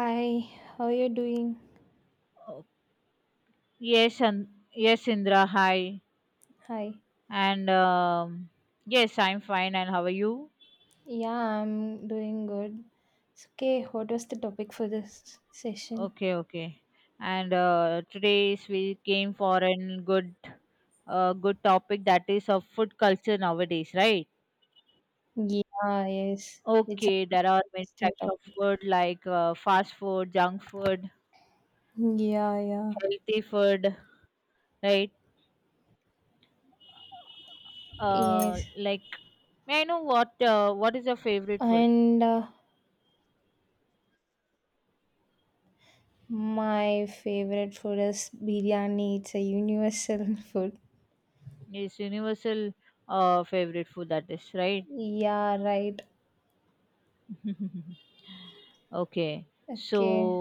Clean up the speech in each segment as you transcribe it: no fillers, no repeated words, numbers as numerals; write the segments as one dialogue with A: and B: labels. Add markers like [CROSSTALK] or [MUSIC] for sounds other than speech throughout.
A: Hi, how are you doing?
B: Oh, yes, and yes, Indra. Hi,
A: Hi.
B: and yes, I'm fine. And how are you?
A: Yeah, I'm doing good. So, okay, what was the topic for this session?
B: Okay, okay. And today is we came for a good, good topic that is of food culture nowadays, right?
A: Yeah, yes. It's
B: Okay, there are
A: an
B: many
A: interesting
B: types of
A: topic.
B: food like fast food, junk food,
A: Yeah, yeah.
B: healthy food, right? Uh,
A: Yes.
B: like, may I know what is your favorite food?
A: And My favorite food is biryani. It's a universal [LAUGHS] food.
B: It's universal favorite food that is, right?
A: Yeah, right.
B: [LAUGHS] Okay. So
A: Okay.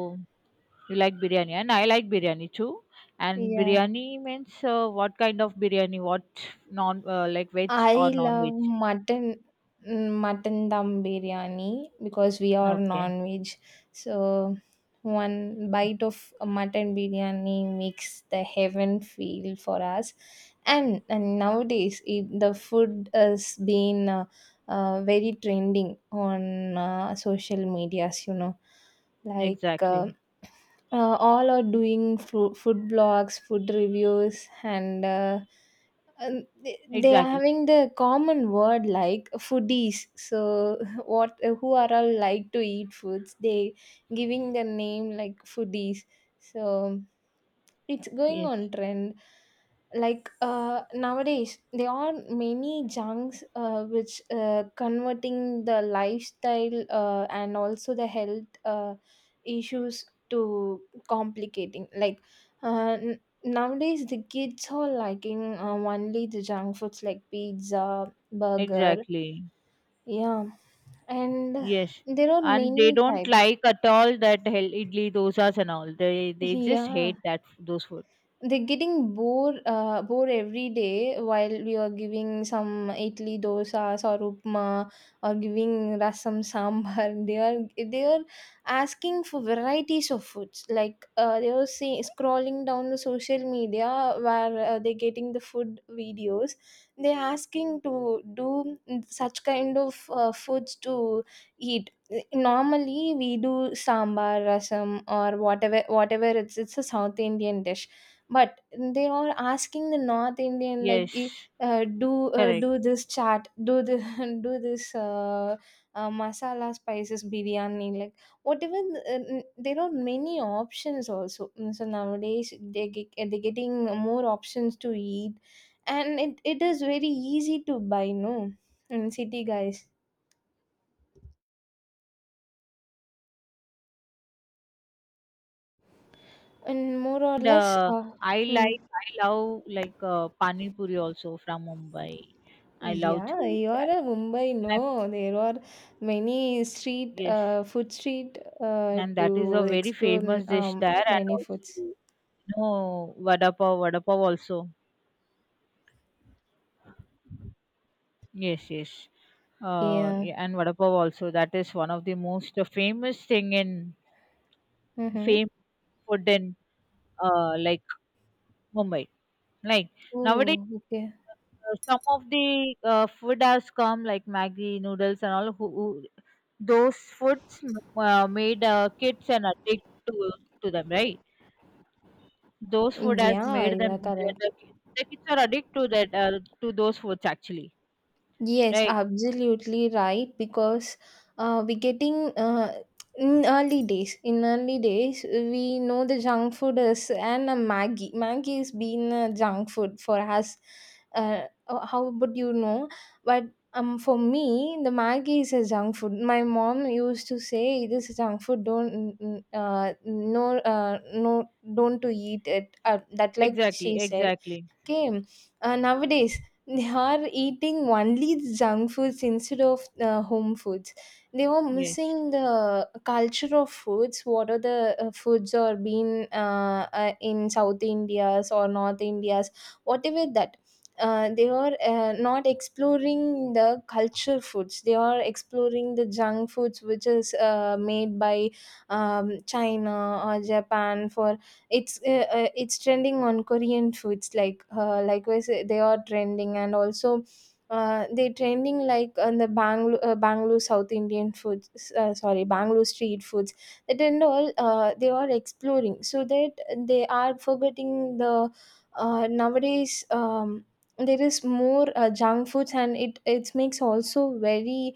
B: you like biryani and I like biryani too. And
A: Yeah.
B: biryani means what kind of biryani? What non like veg
A: I
B: or
A: love
B: non-veg?
A: mutton dum biryani because we are
B: Okay.
A: non-veg. So one bite of a mutton biryani makes the heaven feel for us. And nowadays the food has been very trending on social medias. You know, like.
B: Exactly.
A: All are doing food blogs, food reviews, and um, they they are
B: Exactly.
A: having the common word like foodies, so [LAUGHS] what, who are all like to eat foods, they giving the name like foodies, so it's going
B: Yes.
A: on trend like nowadays there are many junks which converting the lifestyle and also the health issues to complicating like nowadays the kids are liking only the junk foods like pizza, burger,
B: Exactly.
A: yeah, and
B: Yes.
A: there are
B: And they
A: many
B: don't
A: types,
B: like at all that hell idli, dosas and all. They just
A: yeah,
B: hate that those food.
A: they're getting bored, bored every day while we are giving some idli, dosas or upma, or giving rasam, sambar. [LAUGHS] They are asking for varieties of foods, like they are, see, scrolling down the social media where they're getting the food videos, they're asking to do such kind of foods to eat. Normally we do sambar, rasam, or whatever, it's a south indian dish, but they are asking the north indian like
B: Yes.
A: do
B: Correct.
A: do this chat, do this [LAUGHS] do this masala spices biryani, like, whatever. There are many options also. Mm, so nowadays they get, they're getting more options to eat, and it is very easy to buy, no, in city guys, and more or
B: And
A: less hmm.
B: I love pani puri also from Mumbai. I love
A: Yeah,
B: to eat
A: you are
B: that.
A: a
B: And
A: Mumbai.
B: I'm
A: No, there
B: missing,
A: are many street,
B: yes,
A: food street,
B: and that is
A: to
B: a very
A: explore.
B: famous dish there, and
A: Many foods.
B: also no vada pav, vada pav also. Yes, yes,
A: Yeah.
B: yeah, and vada pav also. That is one of the most famous thing in
A: Mm-hmm.
B: fame food in uh, like Mumbai. Like nowadays,
A: Oh, okay.
B: some of the food has come like Maggi noodles and all. Who those foods made kids and addict to them, right? Those food has
A: Yeah,
B: made
A: yeah,
B: them
A: correct.
B: the kids are addicted to that to those foods actually.
A: Yes,
B: Right?
A: absolutely right. Because we getting in early days. In early days, we know the junk food is, and a Maggie. Maggie has been a junk food for us. Uh, how would you know? But for me, the Maggie is a junk food. My mom used to say, "It is a junk food. Don't no, no, don't to eat it." That like
B: Exactly.
A: she said.
B: Exactly.
A: Okay. Nowadays, they are eating only junk foods instead of home foods. They were
B: Yes.
A: missing the culture of foods. What are the foods are being in South India's or North India's, whatever that. They are not exploring the culture foods. They are exploring the junk foods, which is made by China or Japan, for it's trending on korean foods, like likewise they are trending, and also they trending like on the Bangalore South Indian foods, sorry, Bangalore street foods. That and all, they are exploring, so that they are forgetting the nowadays. There is more junk foods, and it makes also very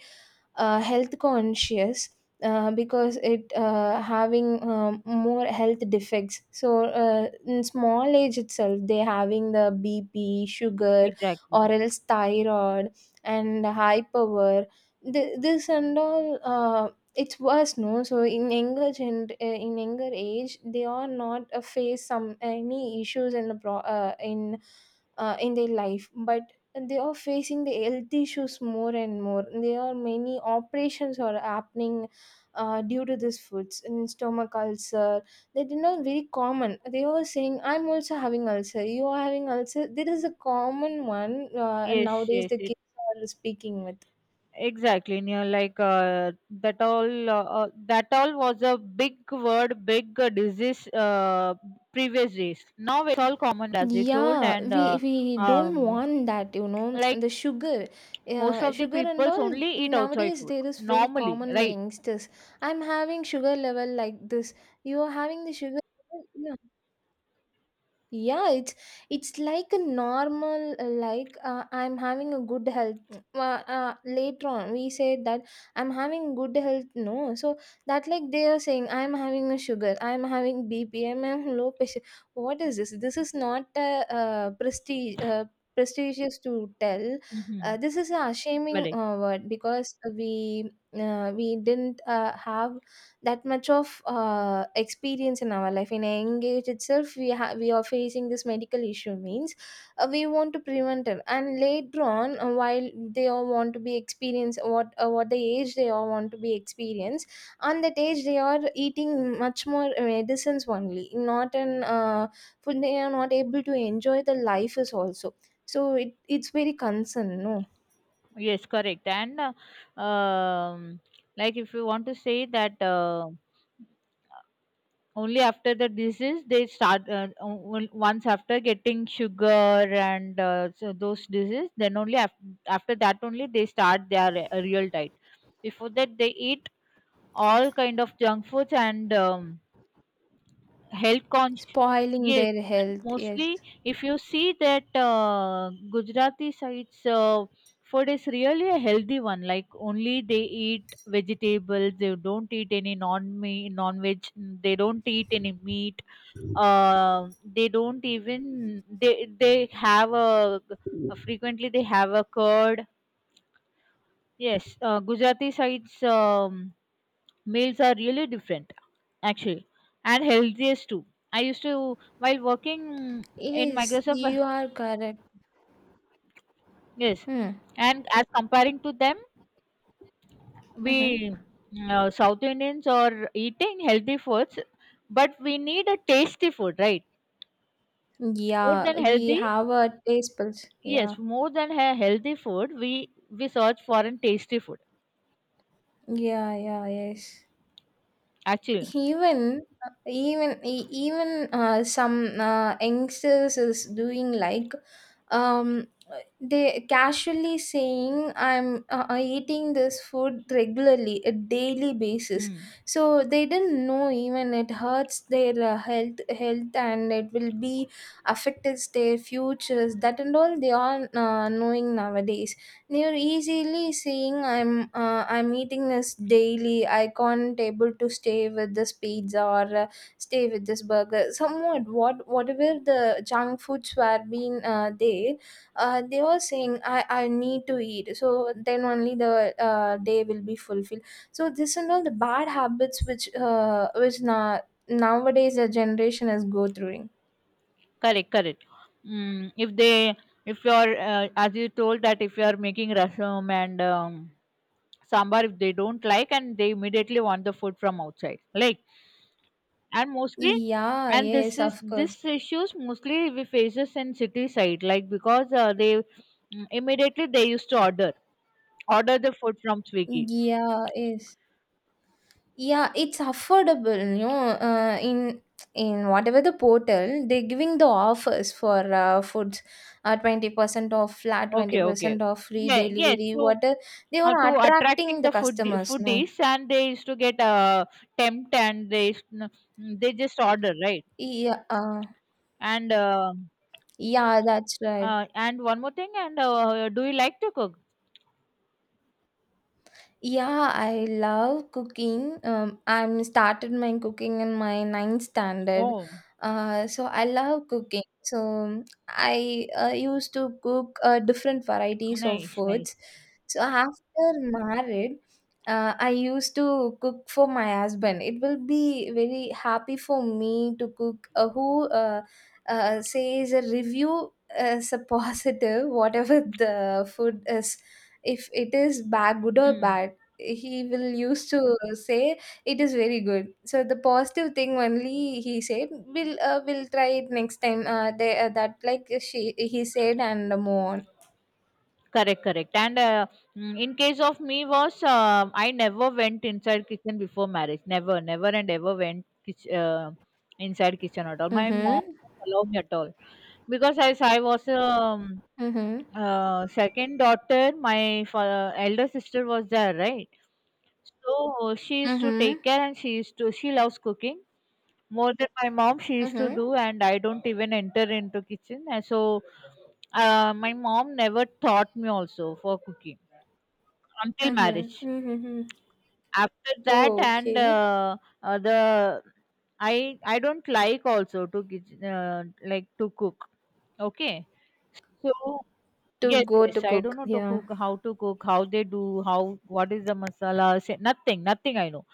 A: health conscious because it having more health defects, so in small age itself they having the bp sugar
B: Exactly.
A: or else thyroid and high power. This and all it's worse, no, so in in younger age they are not face some any issues in the in their life, but they are facing the health issues more and more. There are many operations are happening due to these foods and stomach ulcer. They, you, not very common, they were saying, I'm also having ulcer, you are having ulcer, there is a common one. And
B: Yes.
A: nowadays
B: Yes.
A: the
B: It
A: kids are speaking with,
B: exactly. And you're like that all. That all was a big word, big disease. Previous days. Now it's all common as you told,
A: yeah,
B: and
A: we
B: uh,
A: we don't
B: um,
A: want that, you know,
B: like
A: the sugar,
B: most of the
A: sugar and
B: people's
A: all.
B: only eat outside
A: Nowadays
B: food
A: there is very
B: normally,
A: common in the
B: right?
A: youngsters. I'm having sugar level like this. You are having the sugar level? Yeah, it's like a normal, like, I'm having a good health. Later on, we said that I'm having good health, no, so that like they are saying, I'm having a sugar, I'm having B P, am low pressure. What is this? This is not prestige prestigious to tell.
B: Mm-hmm.
A: This is a shaming word, because we didn't have that much of experience in our life. In a young age itself we have, we are facing this medical issue, means we want to prevent it, and later on while they all want to be experienced, what the age they all want to be experienced, on that age they are eating much more medicines only, not an food. They are not able to enjoy the life is also. So it's very concern, no.
B: Yes, correct. And Like if you want to say that only after the disease they start once after getting sugar and so those disease after that only they start their real diet. Before that they eat all kind of junk foods and health conscious,
A: Spoiling
B: yes.
A: their
B: And
A: health, yes.
B: mostly if you see that gujarati sides food is really a healthy one, like only they eat vegetables. They don't eat any non veg, they don't eat any meat. uh, they don't even they have a, frequently they have a curd. Yes, gujarati sides meals are really different actually, and healthiest too. I used to while working in
A: Yes,
B: microsoft,
A: you are correct.
B: yes.
A: Hmm.
B: And as comparing to them, we
A: Mm-hmm.
B: south indians are eating healthy foods, but we need a tasty food, right? More
A: Yeah,
B: than
A: we
B: healthy,
A: have a taste buds. Yeah,
B: yes. More than a healthy food, we search for a tasty food
A: yeah, yeah, yes.
B: actually.
A: Even some youngsters is doing like, um, they casually saying, I'm eating this food regularly, a daily basis.
B: Hmm.
A: So they didn't know even it hurts their health, and it will be affects their futures. That and all they are knowing nowadays. You're easily seeing, I'm eating this daily. I can't able to stay with this pizza, or stay with this burger. Somewhat, what, whatever the junk foods were being there, they were saying, I need to eat. So then only the day will be fulfilled. So this and all the bad habits, which nowadays the generation is go through.
B: Correct, correct. Mm, if they, if you're as you told that if you're making rasam and sambar, if they don't like, and they immediately want the food from outside, like, and mostly,
A: Yeah.
B: and this
A: Yes.
B: is
A: Of course.
B: this issues mostly we faces in city side, like because they, mm, immediately they used to order the food from swiggy.
A: Yeah. Yes. Yeah, it's affordable, you know. In whatever the portal, they're giving the offers for foods, 20% off flat, twenty
B: Okay, okay,
A: percent off free
B: yeah, yes.
A: delivery.
B: So
A: What they are
B: to
A: attracting
B: attracting
A: the
B: the food
A: customers, no?
B: foodies, and they used to get tempt, and they just order, right?
A: Yeah,
B: and uh,
A: yeah, that's right.
B: and one more thing, and do you like to cook?
A: Yeah, I love cooking. I'm started my cooking in my ninth standard.
B: Oh,
A: So I love cooking. So I used to cook different varieties of
B: nice, nice.
A: foods. So after married, I used to cook for my husband. It will be very happy for me to cook, who says a review as a [LAUGHS] positive, whatever the food is, if it is bad, good or
B: Hmm.
A: bad, he will used to say it is very good. So the positive thing only he said, we'll try it next time. That like she, he said, and move on.
B: Correct, correct. And in case of me was, I never went inside kitchen before marriage. Never, never and ever went inside kitchen at all. My mom
A: Mm-hmm.
B: didn't allow me at all because as I was
A: Mm-hmm.
B: second daughter, my elder sister was there, right? So she used to
A: Mm-hmm.
B: take care, and she used to she loves cooking more than my mom. She used to
A: Mm-hmm.
B: do and I don't even enter into kitchen. And so my mom never taught me also for cooking until
A: Mm-hmm.
B: marriage.
A: Mm-hmm.
B: After that,
A: Oh,
B: and
A: okay.
B: the I don't like also to cook. Okay, so
A: To
B: yes,
A: go to
B: yes, I don't
A: cook,
B: know
A: yeah.
B: to cook, how they do, how what is the masala, say, nothing, I know.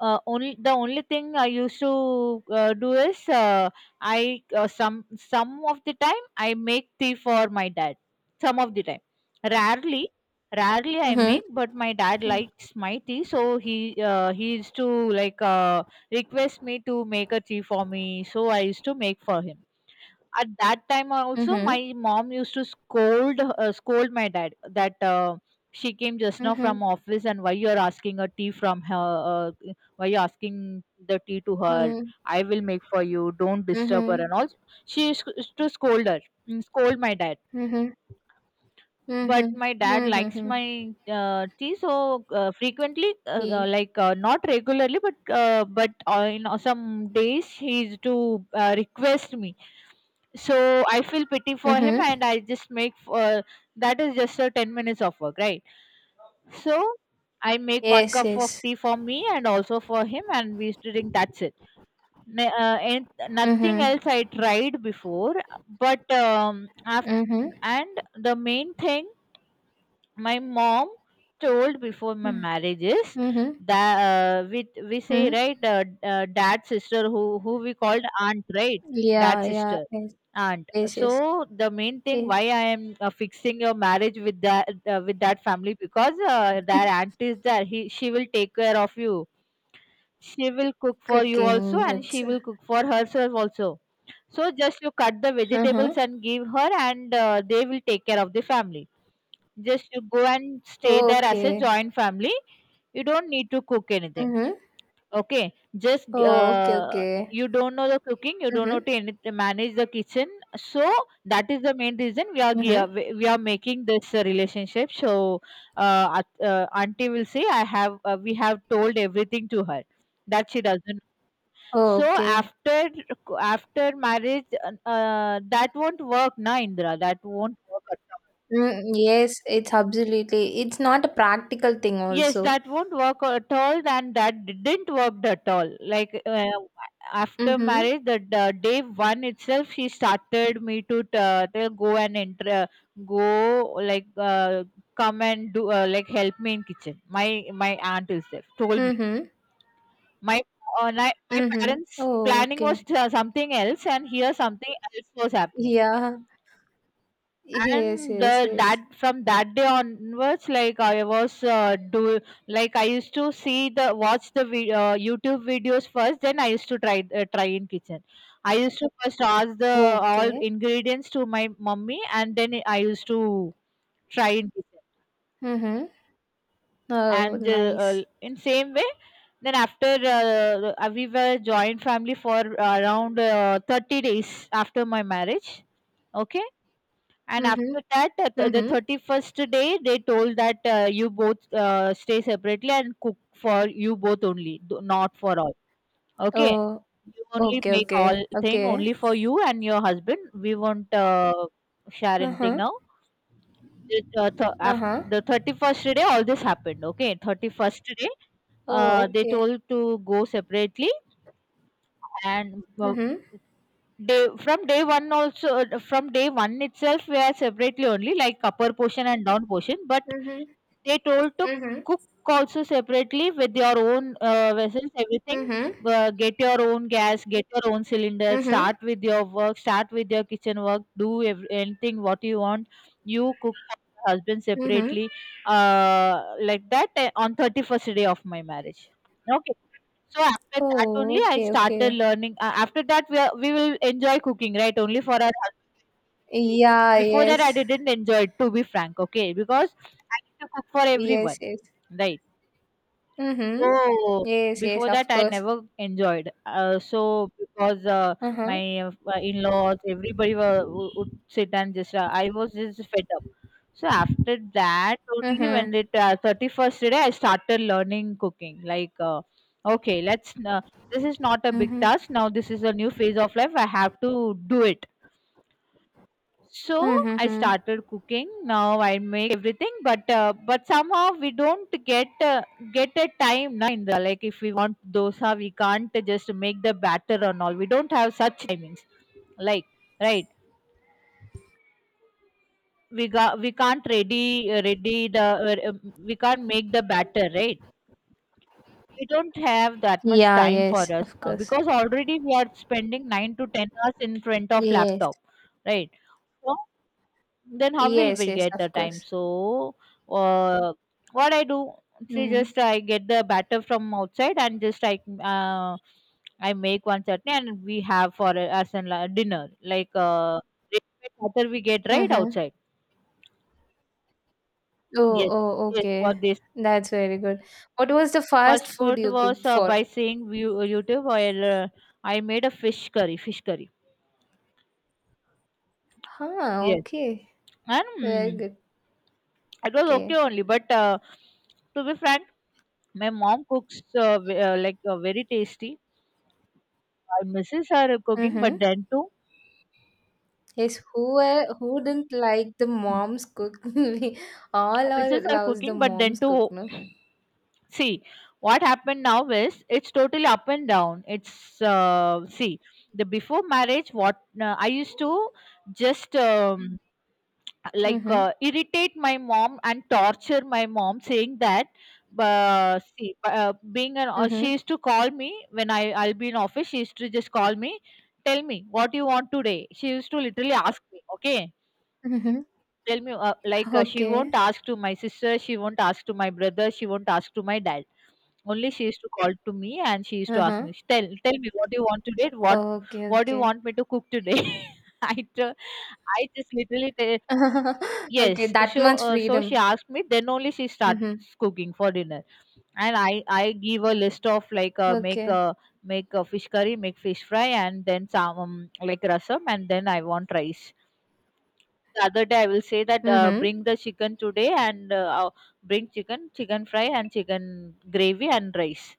B: Only the only thing I used to do is I some of the time I make tea for my dad. Some of the time, rarely, rarely I
A: Mm-hmm.
B: make, but my dad likes my tea, so he used to like uh, request me to make a tea for me. So I used to make for him. At that time also,
A: Mm-hmm.
B: my mom used to scold my dad that she came just now
A: Mm-hmm.
B: from office, and why you're asking a tea from her? Why you asking the tea to her?
A: Mm-hmm.
B: I will make for you. Don't disturb her and
A: Mm-hmm.
B: all. She used to scold her, scold my dad. But
A: Mm-hmm.
B: my dad likes
A: Mm-hmm.
B: my tea, so frequently,
A: Tea.
B: like not regularly, but in some days he used to request me, so I feel pity for him and
A: Mm-hmm.
B: I just make that is just a 10 minutes of work, right? So I make one
A: Yes,
B: cup
A: yes.
B: of tea for me and also for him, and we used to drink, that's it. And nothing
A: Mm-hmm.
B: else I tried before, but af-
A: Mm-hmm.
B: and the main thing my mom told before my marriage is
A: Mm-hmm.
B: that we say, right, dad's sister, who we called aunt, right?
A: Yeah,
B: Dad's
A: yeah,
B: sister,
A: yes,
B: aunt.
A: yes,
B: So
A: yes.
B: the main thing
A: Yes,
B: why I am fixing your marriage with that family, because that aunt is there, he she will take care of you. She will cook for you
A: cooking,
B: also, and
A: yes.
B: she will cook for herself also. So just you cut the
A: Uh-huh.
B: vegetables and give her, and they will take care of the family. Just you go and stay
A: Oh,
B: there as a
A: okay.
B: joint family. You don't need to cook anything.
A: Mm-hmm.
B: Okay, just
A: Oh, okay, okay.
B: you don't know the cooking. You don't know
A: Mm-hmm.
B: to manage the kitchen. So that is the main reason we are gi-
A: Mm-hmm.
B: we we are making this relationship. So auntie will say, I have we have told everything to her, that she doesn't.
A: Oh,
B: So
A: okay.
B: after after marriage, that won't work, na Indra. That won't work.
A: Mm, yes, it's absolutely. It's not a practical thing
B: Yes,
A: also.
B: that won't work at all, and that didn't work at all. Like after
A: Mm-hmm.
B: marriage, the day one itself, she started me to tell go and enter, go like come and do like help me in kitchen. My aunt itself told me.
A: Mm-hmm.
B: my my
A: Mm-hmm.
B: parents'
A: Oh,
B: planning was
A: okay.
B: something else, and here something else was happening.
A: Yeah. Yes,
B: And
A: yes, yes.
B: that from that day onwards, like I was do like I used to see the youtube videos first, then I used to try in kitchen. I used to first ask the all
A: Okay.
B: ingredients to my mummy, and then I used to try in kitchen.
A: Mm-hmm. Oh,
B: And
A: nice.
B: in same way, then after we were joint family for around 30 days after my marriage, okay. And
A: Mm-hmm.
B: after that, at the
A: Mm-hmm.
B: 31st day, they told that you both stay separately and cook for you both only, not for all. Okay.
A: Oh,
B: You only
A: okay,
B: make
A: okay,
B: all thing
A: okay.
B: only for you and your husband. We won't share anything
A: Uh-huh.
B: now. It, after
A: Uh-huh.
B: the 31st day, all this happened. Okay. 31st day,
A: Oh,
B: they
A: okay.
B: told to go separately, and
A: Mm-hmm.
B: day from day one also, from day one itself we are separately only, like upper portion and down portion, but
A: Mm-hmm.
B: they told to
A: Mm-hmm.
B: cook also separately with your own vessels, everything.
A: Mm-hmm.
B: Get your own gas, get your own cylinder.
A: Mm-hmm.
B: Start with your work. Start with your kitchen work. Do anything what you want. You cook for your husband
A: Mm-hmm.
B: separately, like that on 31st day of my marriage. Okay. So after that only
A: Oh,
B: I
A: okay,
B: started
A: okay.
B: learning. After that we are, we will enjoy cooking, right? Only for our,
A: Yeah,
B: before that, I
A: yes.
B: didn't enjoy it, to be frank, okay? Because I need to cook for
A: Yes,
B: everyone,
A: yes.
B: right?
A: Mm-hmm.
B: Oh,
A: Yes, yes,
B: before that,
A: of
B: I
A: course.
B: never enjoyed. So because
A: Mm-hmm.
B: my in-laws, everybody were, would sit and just, I was just fed up. So after that, only
A: Mm-hmm.
B: when it 31st day, I started learning cooking. Like, okay, let's. This is not a big
A: Mm-hmm.
B: task. Now this is a new phase of life. I have to do it, so I
A: Mm-hmm.
B: started cooking. Now I make everything, but somehow we don't get a time na in the, like if we want dosa, we can't just make the batter and all. We don't have such timings, like, right. We got we can't ready the uh, we can't make the batter, right. We don't have that much
A: Yeah,
B: time for
A: yes,
B: us
A: of
B: now
A: course.
B: because already we are spending 9 to 10 hours in front of
A: Yes.
B: laptop, right? So then how will
A: Yes,
B: we
A: yes,
B: get the
A: of
B: time?
A: course.
B: So uh, what I do, see,
A: Mm-hmm.
B: just I get the batter from outside and just I I make one chutney and we have for as in dinner like ready-made batter we get right
A: Mm-hmm.
B: outside.
A: Oh,
B: Yes,
A: oh,
B: yes. For
A: okay.
B: this,
A: That's very good. What was the fast
B: first
A: food
B: food
A: you
B: was
A: cooked for?
B: by seeing YouTube. While I made a fish curry.
A: Huh,
B: Yes.
A: okay.
B: And
A: Very good.
B: it was okay
A: Okay.
B: only, but to be frank, my mom cooks very tasty. My missus are cooking,
A: Mm-hmm.
B: but then too,
A: Yes, who are, who didn't like the
B: my
A: mom's cook? [LAUGHS] We all are
B: missus are
A: loves the
B: cooking, but then
A: mom's cook,
B: too,
A: no?
B: see, what happened now is it's totally up and down. It's see, the before marriage, what I used to just
A: Mm-hmm.
B: irritate my mom and torture my mom, saying that. See, being an
A: Mm-hmm.
B: she used to call me when I'll be in office. She used to just call me, tell me what you want today. She used to literally ask me, okay.
A: Mm-hmm.
B: Tell me, she won't
A: Okay.
B: ask to my sister, she won't ask to my brother, she won't ask to my dad. Only she used to call to me and she used to ask
A: Uh-huh.
B: me, tell, tell me what do you want today?
A: Okay,
B: What do you
A: okay.
B: want me to cook today? [LAUGHS] I, t- I just literally tell,
A: [LAUGHS] Okay,
B: yes.
A: that
B: So,
A: much
B: so she
A: freedom.
B: asked me, then only she starts
A: Mm-hmm.
B: cooking for dinner. And I give a list of like, make,
A: Okay.
B: make a fish curry, make fish fry, and then some, like rasam, and then I want rice. The other day I will say that
A: Mm-hmm.
B: bring the chicken today, and bring chicken, chicken fry and chicken gravy and rice.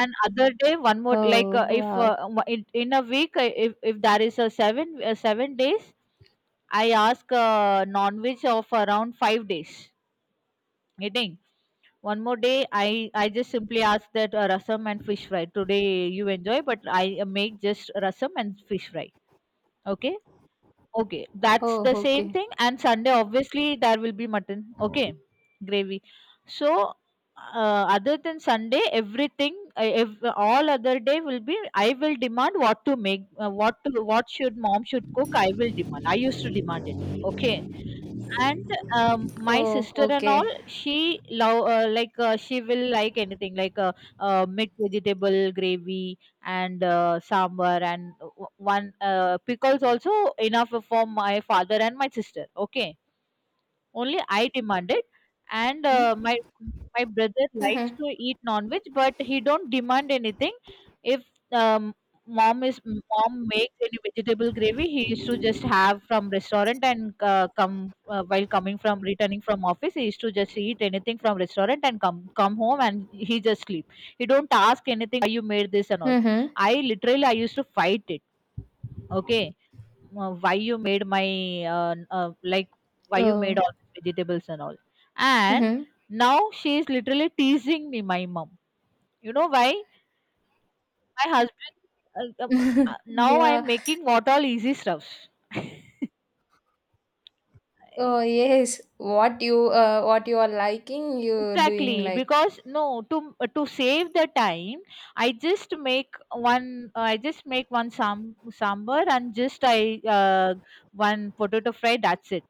B: And other day one more, like
A: Oh,
B: if
A: wow.
B: in a week if there is a 7 days, I ask non veg of around 5 days eating. One more day I just simply ask that rasam and fish fry today you enjoy, but I make just rasam and fish fry. Okay. Okay, that's
A: Oh,
B: the same
A: okay.
B: thing. And Sunday, obviously, there will be mutton. Okay, gravy. So, other than Sunday, everything, all other day will be. I will demand what to make, what to, what should mom should cook. I will demand. I used to demand it. Okay, and, my
A: Oh,
B: sister and all,
A: okay.
B: she love she will like anything, like, mixed vegetable gravy and, sambar, and one pickles also, enough for my father and my sister. Okay. Only I demanded, and
A: Hmm?
B: my brother likes
A: Mm-hmm.
B: to eat non-veg, but he don't demand anything. If um, mom makes any vegetable gravy, he used to just have from restaurant, and come while coming from returning from office, he used to just eat anything from restaurant and come home, and he just sleep. He don't ask anything why you made this and all.
A: Mm-hmm.
B: I literally I used to fight it. Okay, why you made my uh, uh, like why you made
A: Oh.
B: all these vegetables and all. And
A: Mm-hmm.
B: now she is literally teasing me, my mom. You know why my husband uh, uh,
A: [LAUGHS]
B: now I'm
A: Yeah.
B: making what all easy stuffs.
A: Oh,
B: I-
A: yes. What you are liking, you doing
B: exactly,
A: like. [LAUGHS]
B: because no, to to save the time, I just make one I just make one sambar and just I one potato fry, that's it.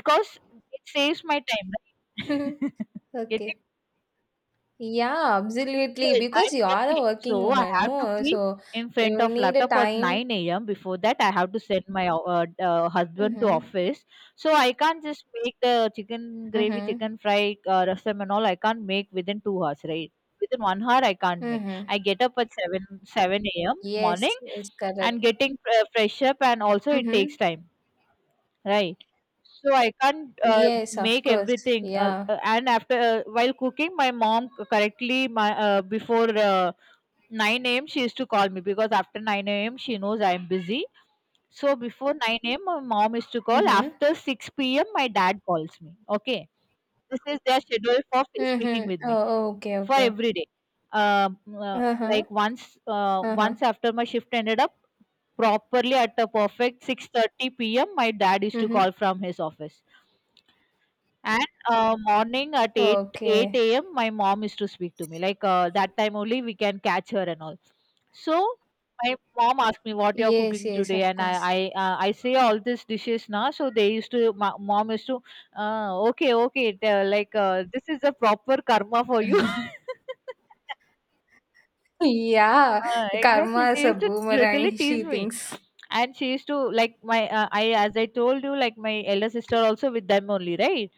B: Because it saves my time, right? [LAUGHS] It.
A: Okay. Yeah, absolutely.
B: Yes,
A: Because
B: I'm
A: you are a
B: working,
A: working
B: so I
A: woman,
B: have to
A: no?
B: be
A: So
B: in front
A: you
B: of
A: need a
B: laptop at
A: time.
B: 9 a.m. Before that, I have to send my husband to
A: Mm-hmm.
B: office. So I can't just make the chicken gravy,
A: Mm-hmm.
B: chicken fry, rasam and all. I can't make within 2 hours, right? Within 1 hour, I can't make.
A: Mm-hmm.
B: I get up at seven a.m.
A: Yes,
B: morning,
A: it's correct.
B: and getting fresh up, and also it
A: Mm-hmm.
B: takes time, right? So I can't
A: Yes, of
B: make
A: course.
B: everything
A: Yeah.
B: and after while cooking my mom correctly my before 9 a.m. she used to call me, because after 9 a.m. she knows I am busy. So before 9 a.m. my mom used to call.
A: Mm-hmm.
B: After 6 p.m. my dad calls me. Okay. This is their schedule for speaking
A: Mm-hmm.
B: with me
A: Oh, okay,
B: for
A: okay.
B: every day. Um, uh,
A: Uh-huh.
B: like once,
A: Uh-huh.
B: once after my shift ended up properly at a perfect 6:30 p.m., my dad used to
A: Mm-hmm.
B: call from his office. And morning at
A: Okay.
B: 8 a.m., my mom used to speak to me. Like that time only we can catch her and all. So my mom asked me what you're
A: Yes,
B: cooking
A: yes,
B: today,
A: of
B: and I
A: course.
B: I
A: [LAUGHS]
B: uh, I say all these dishes now. So they used to, my mom used to okay okay it, this is a proper karma for you. [LAUGHS]
A: Yeah. The
B: Exactly.
A: karma
B: She
A: is a
B: used to literally
A: boomerang, [LAUGHS]
B: tease
A: she
B: me,
A: thinks.
B: and she used to like my I as I told you, like my elder sister also with them only, right,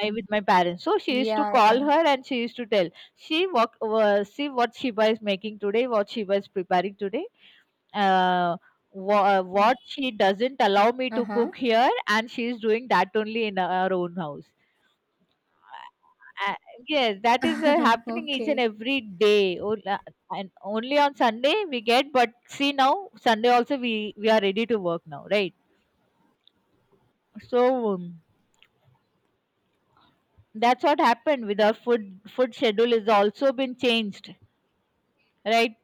B: my with my parents. So she used to
A: Yeah,
B: call
A: yeah.
B: her and she used to tell, see what Shiba is making today, what Shiba is preparing today, uh, what she doesn't allow me to
A: Uh-huh.
B: cook here, and she is doing that only in our own house." Uh, uh, yes, that is
A: [LAUGHS]
B: happening each and
A: Okay.
B: every day. And only on Sunday we get, but see now Sunday also we are ready to work now, right? So. um, that's what happened with our food schedule is also been changed, right.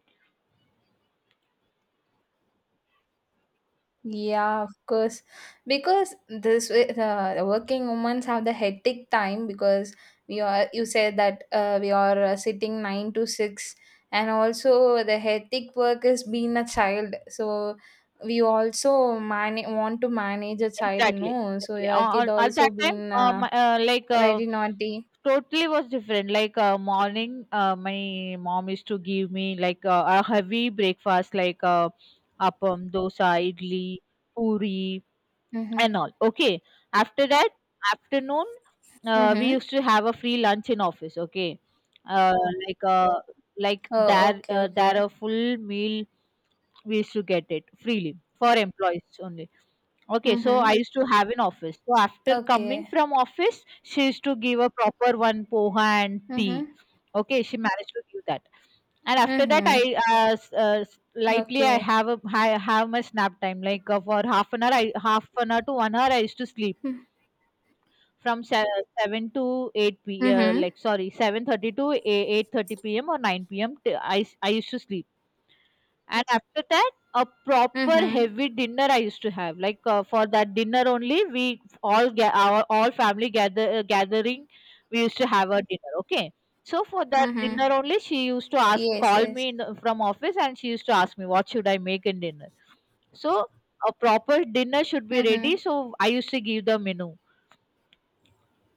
A: Yeah, of course. Because this way, the working women have the hectic time, because we are, you said that we are sitting 9 to 6, and also the hectic work is being a child. So we also want to manage a child,
B: Exactly,
A: no? So
B: exactly.
A: your kid
B: At
A: also
B: that time,
A: been
B: my,
A: very naughty.
B: totally was different. Like morning, my mom used to give me like a heavy breakfast, like appam, dosa, idli, puri,
A: Mm-hmm.
B: and all. Okay. After that, afternoon, we
A: Mm-hmm.
B: used to have a free lunch in office. Okay. Uh, like uh, like
A: Oh,
B: there,
A: okay, okay.
B: there a full meal we used to get it freely for employees only. Okay, so I
A: Mm-hmm.
B: used to have an office. So after coming
A: Okay.
B: from office, she used to give a proper one poha and tea.
A: Mm-hmm.
B: Okay, she managed to give that. And after that, I
A: Mm-hmm.
B: lightly
A: Okay.
B: I have my nap time like for half an hour. I half an hour to 1 hour I used to sleep
A: Hmm.
B: from seven to eight p.
A: Mm-hmm.
B: Like sorry, 7:30 to 8:30 p.m. or nine p.m. I used to sleep. And after that, a proper
A: Mm-hmm.
B: heavy dinner I used to have. Like for that dinner only, we all our all family gather gathering. We used to have a dinner. Okay, so for that
A: Mm-hmm.
B: dinner only, she used to ask,
A: Yes,
B: call
A: yes.
B: me in the, from office, and she used to ask me what should I make in dinner. So a proper dinner should be
A: Mm-hmm.
B: ready. So I used to give the menu.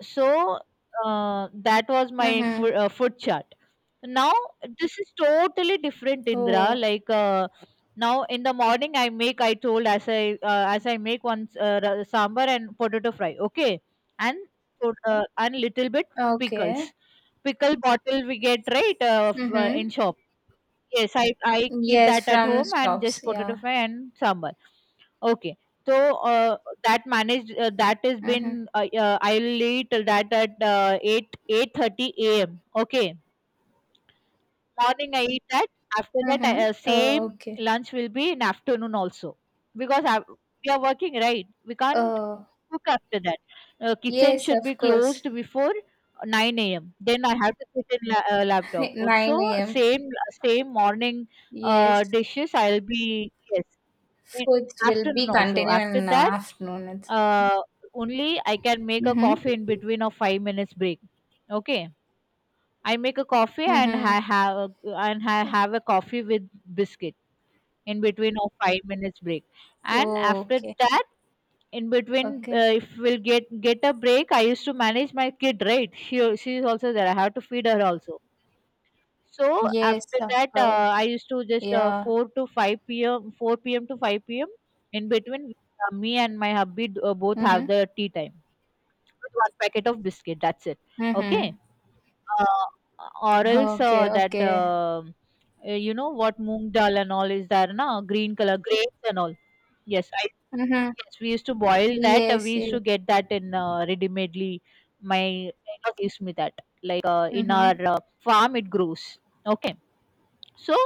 B: So that was my
A: Mm-hmm.
B: food chart. Now this is totally different, Indra.
A: Oh,
B: Like now in the morning, I make, I told, as I as I make one sambar and potato fry. Okay, and and little bit
A: okay.
B: pickles. Pickle bottle we get right
A: Mm-hmm.
B: in shop. Yes, I keep
A: Yes,
B: that at
A: from
B: home and
A: shops.
B: just potato
A: Yeah.
B: fry and sambar. Okay. So that managed that has
A: Mm-hmm.
B: been I'll eat that at 8 8:30 a.m. Okay. Morning I eat that. After that,
A: Mm-hmm.
B: I,
A: Oh,
B: same
A: okay.
B: lunch will be in afternoon also, because I, we are working, right? We can't
A: Oh,
B: cook after that. Kitchen
A: yes,
B: should be
A: of course.
B: closed before 9 a.m. Then I have to sit in
A: [LAUGHS]
B: laptop. Also,
A: 9 a.m.
B: same same morning
A: Yes.
B: dishes I'll be, yes, in
A: Foods will be
B: afternoon also.
A: continued
B: After
A: in the
B: that,
A: afternoon. It's-
B: uh, only I can make a
A: Mm-hmm.
B: coffee in between of 5 minutes break. Okay, I make a coffee and
A: Mm-hmm.
B: I have a, coffee with biscuit in between of 5 minutes break. And
A: Oh,
B: after
A: okay.
B: that, in between,
A: Okay.
B: if we'll get a break, I used to manage my kid. Right, she is also there. I have to feed her also. So
A: Yes,
B: after
A: of
B: that,
A: course.
B: I used to just
A: Yeah.
B: four p.m. to five p.m. in between. Me and my hubby both
A: Mm-hmm.
B: have the tea time with one packet of biscuit. That's it.
A: Mm-hmm.
B: Okay, or else
A: Okay,
B: that
A: okay.
B: you know what, moong dal and all is there na, green color grapes and all. yes I,
A: Mm-hmm.
B: yes, we used to boil that. We
A: Yes,
B: used to
A: yes.
B: get that in ready madely. My neighbor gives me that, like in our
A: Mm-hmm.
B: farm it grows. Okay, so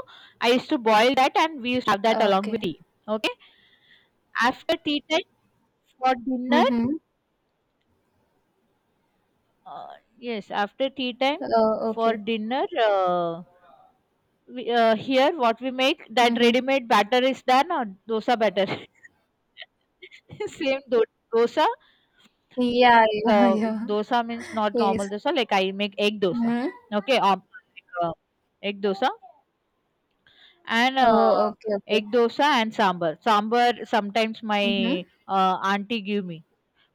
B: I used to boil that and we used to have that along with
A: Okay.
B: tea. Okay, after tea time, for dinner.
A: Mhm.
B: uh, yes, after tea time,
A: Oh,
B: for
A: okay.
B: dinner, we, here what we make, that
A: Mhm.
B: ready-made batter is done, or dosa batter. [LAUGHS] same do- Dosa.
A: Yeah, yeah,
B: uh,
A: [LAUGHS]
B: Dosa
A: yeah.
B: means not
A: Yes.
B: normal dosa, like I make egg dosa.
A: Mhm.
B: Okay. Like, uh, Egg dosa and
A: Oh, okay,
B: egg
A: okay.
B: dosa and sambar. Sometimes my
A: Mhm.
B: auntie give me,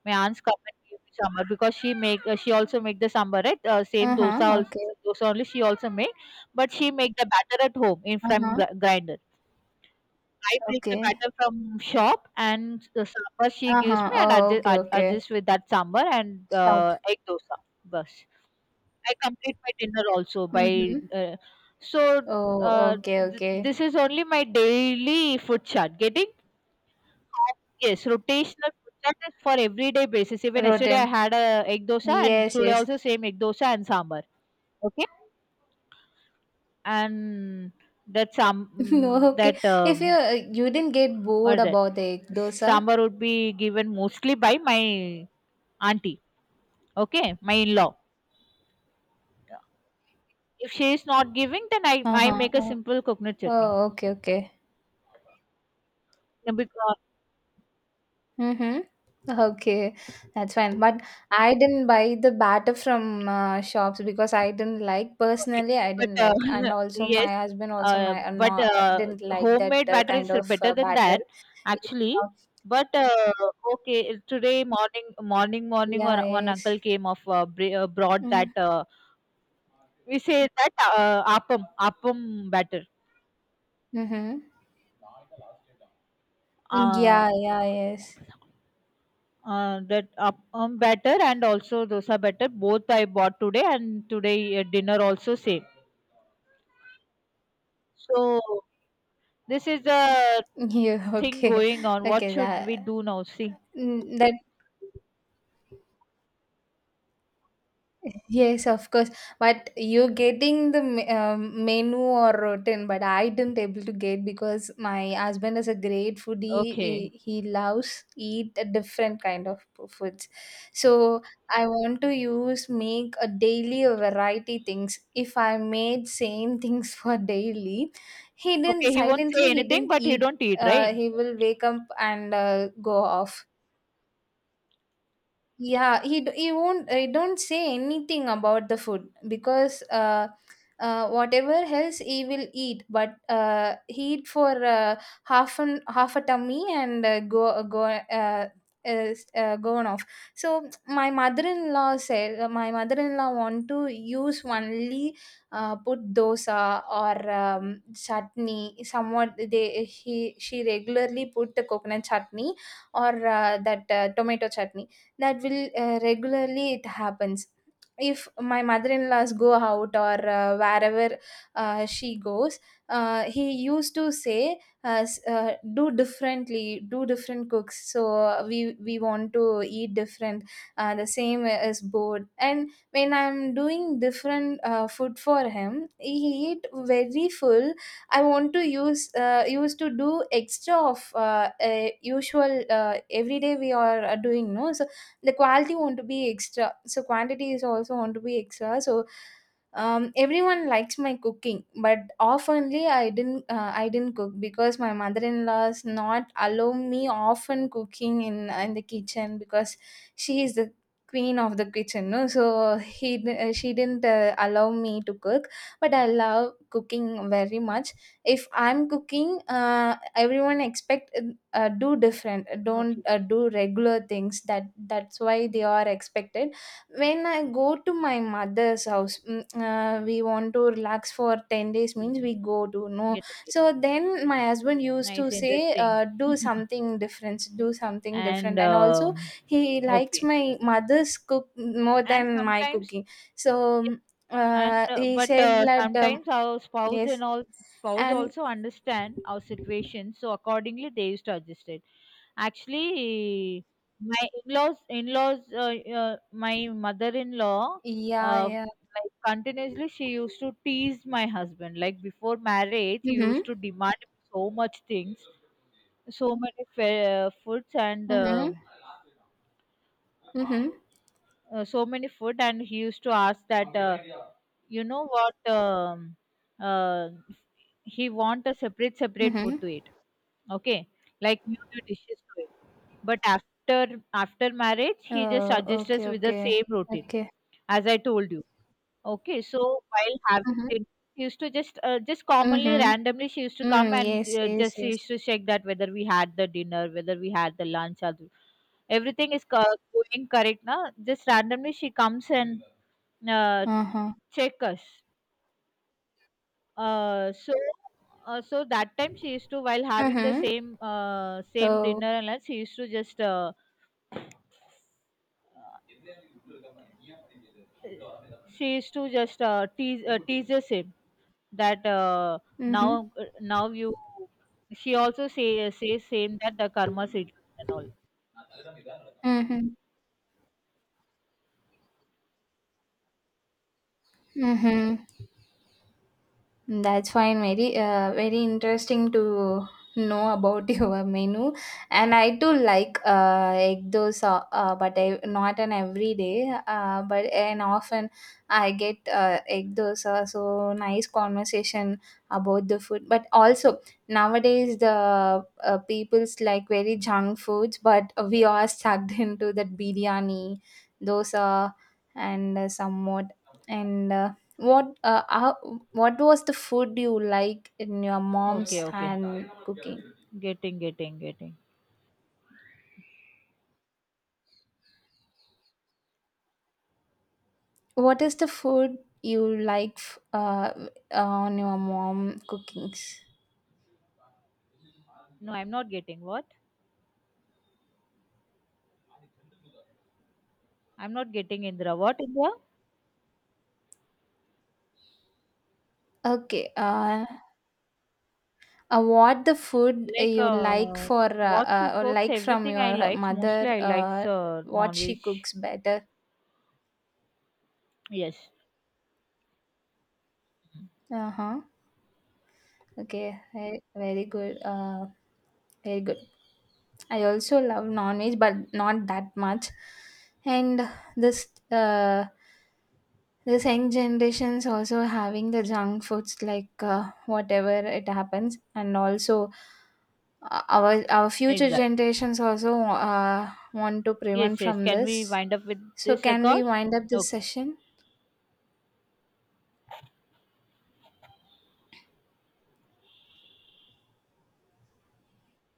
B: my aunts come and give me sambar because she make, she also make the sambar, right? Same dosa
A: Uh-huh, okay.
B: also, dosa only she also make. But she make the batter at home, in from
A: Uh-huh,
B: grinder. I pick the
A: okay.
B: batter from shop and the sambar she gives
A: Uh-huh.
B: me and I
A: Oh, okay, okay.
B: adjust with that sambar and
A: Shop.
B: egg dosa. Bas. I complete my dinner also by
A: Mhm.
B: so
A: Oh,
B: uh,
A: okay, okay.
B: this is only my daily food chart. Getting, yes, rotational food chart is for everyday basis. Even yesterday I
A: Rotten.
B: had a egg dosa and
A: Yes,
B: today
A: yes.
B: also same egg dosa and sambar. Okay, and that
A: [LAUGHS] No,
B: some
A: okay.
B: that
A: If you didn't get
B: what
A: bored
B: is that?
A: about the egg dosa?
B: Sambar would be given mostly by my auntie, okay, my in-law. If she is not giving, then I
A: Uh-huh.
B: make a
A: Oh,
B: simple coconut chutney.
A: oh, okay, okay.
B: No, because,
A: Mm-hmm. Okay, that's fine. But I didn't buy the batter from shops because I didn't like
B: okay,
A: personally. I
B: but
A: didn't like, and
B: [LAUGHS]
A: also
B: yes,
A: my husband also
B: but
A: didn't like that
B: homemade batter
A: kind
B: is
A: of
B: better than
A: batter.
B: that,
A: Yeah,
B: actually. But okay, today morning, morning, morning,
A: yeah,
B: or one
A: yes.
B: uncle came of brought
A: Mm-hmm.
B: that, we say that, appam batter.
A: Mm-hmm. Yeah,
B: Uh,
A: yeah, yes.
B: That appam batter and also dosa batter, both I bought today, and today dinner also same. So this is the
A: [LAUGHS] Yeah,
B: thing
A: okay,
B: going on. What
A: okay.
B: should we
A: That
B: do now? See,
A: mm, that Yes, of course. But you getting the menu or rotten, but I didn't able to get because my husband is a great foodie. He
B: okay,
A: he loves eat a different kind of foods. So I want to use make a daily a variety things. If I made same [LAUGHS] things for daily,
B: okay. He won't say
A: he
B: anything,
A: didn't
B: but he
A: eat.
B: don't eat, right?
A: He will wake up and go off. Yeah, he won't He don't say anything about the food because whatever else he will eat, but he eat for half an half a tummy and go go is gone off. So my mother-in-law want to use only put dosa or chutney. Somewhat they he she regularly put the coconut chutney or that tomato chutney that will regularly it happens if my mother-in-laws go out or wherever she goes, he used to say, do differently do different cooks, so we want to eat different. The same is bored, and when I'm doing different food for him, he eat very full. I want to use used to do extra of usual every day we are doing no so the quality want to be extra, so quantity is also want to be extra, so everyone likes my cooking, but oftenly I didn't cook because my mother-in-law's not allow me often cooking in the kitchen because she is the queen of the kitchen, no, so she didn't allow me to cook, but I love cooking very much. If I'm cooking, everyone expect do different, don't
B: Okay,
A: do regular things. That that's why they are expected. When I go to my mother's house, we want to relax for 10 days,
B: okay.
A: means we go to, no.
B: Get it, get
A: So
B: it.
A: then my husband used to
B: Nice,
A: say,
B: interesting,
A: do something different, do something
B: and
A: different. And also
B: um
A: he likes
B: okay.
A: my mother's cook more
B: And
A: than my
B: sometimes
A: cooking. So mm,
B: and
A: he
B: but
A: said that
B: sometimes our spouse
A: yes
B: and all, spouse
A: and
B: also understand our situation, so accordingly they used to adjust it, actually. My in-laws in-laws uh, uh, my mother-in-law
A: yeah, yeah.
B: like continuously she used to tease my husband, like before marriage he
A: Mm-hmm,
B: used to demand so much things, foods, and
A: mm-hmm,
B: um
A: mm-hmm,
B: uh, so many food, and he used to ask that, you know what, uh, he want a separate separate food
A: mm-hmm.
B: to eat. Okay, like new new dishes to it. But after marriage he just
A: Oh,
B: suggests us
A: okay,
B: with the
A: okay.
B: same routine,
A: Okay.
B: as I told you. Okay, so while having
A: Mhm.
B: dinner, she used to just commonly
A: Mhm.
B: randomly she used to come
A: Mm,
B: and
A: yes, yes,
B: just she
A: yes.
B: used to check that whether we had the dinner, whether we had the lunch or everything is co going correct now. Just randomly she comes and uh,
A: Uh-huh.
B: check us. Uh, so so that time she used to, while having the
A: Mhm.
B: same same
A: Oh.
B: dinner and lunch, she used to just tease, teases him that, now,
A: Mhm.
B: you, she also says same, that the karma seed and all.
A: Mhm. Mhm. That's fine. Very, very interesting to know about [LAUGHS] your menu. And I too like egg dosa, but I, not an everyday. But and often I get egg dosa. So nice conversation about the food. But also nowadays the people's like very junk foods, but we are sucked [LAUGHS] into that biryani, dosa, and somewhat and. What how, what was the food you like in your mom's
B: Okay, okay.
A: hand cooking?
B: Getting, getting, getting.
A: What is the food you like on your mom cookings?
B: No, I'm not getting what? I'm not getting Indra. What Indra?
A: Okay. What the food
B: Like,
A: you like for
B: what she
A: or
B: cooks,
A: like from
B: everything I
A: your
B: likes. Mostly
A: mother?
B: I likes
A: What she
B: non-veg.
A: cooks better?
B: Yes.
A: Uh huh. Okay. Very, very good. Very good. I also love non-veg, but not that much. And this uh this young generations also having the junk foods like whatever it happens, and also our future
B: Exactly.
A: generations also want to
B: Yes,
A: prevent
B: yes.
A: from
B: Can we
A: this.
B: wind up with
A: So
B: this
A: can we
B: record?
A: wind up this
B: Okay.
A: session,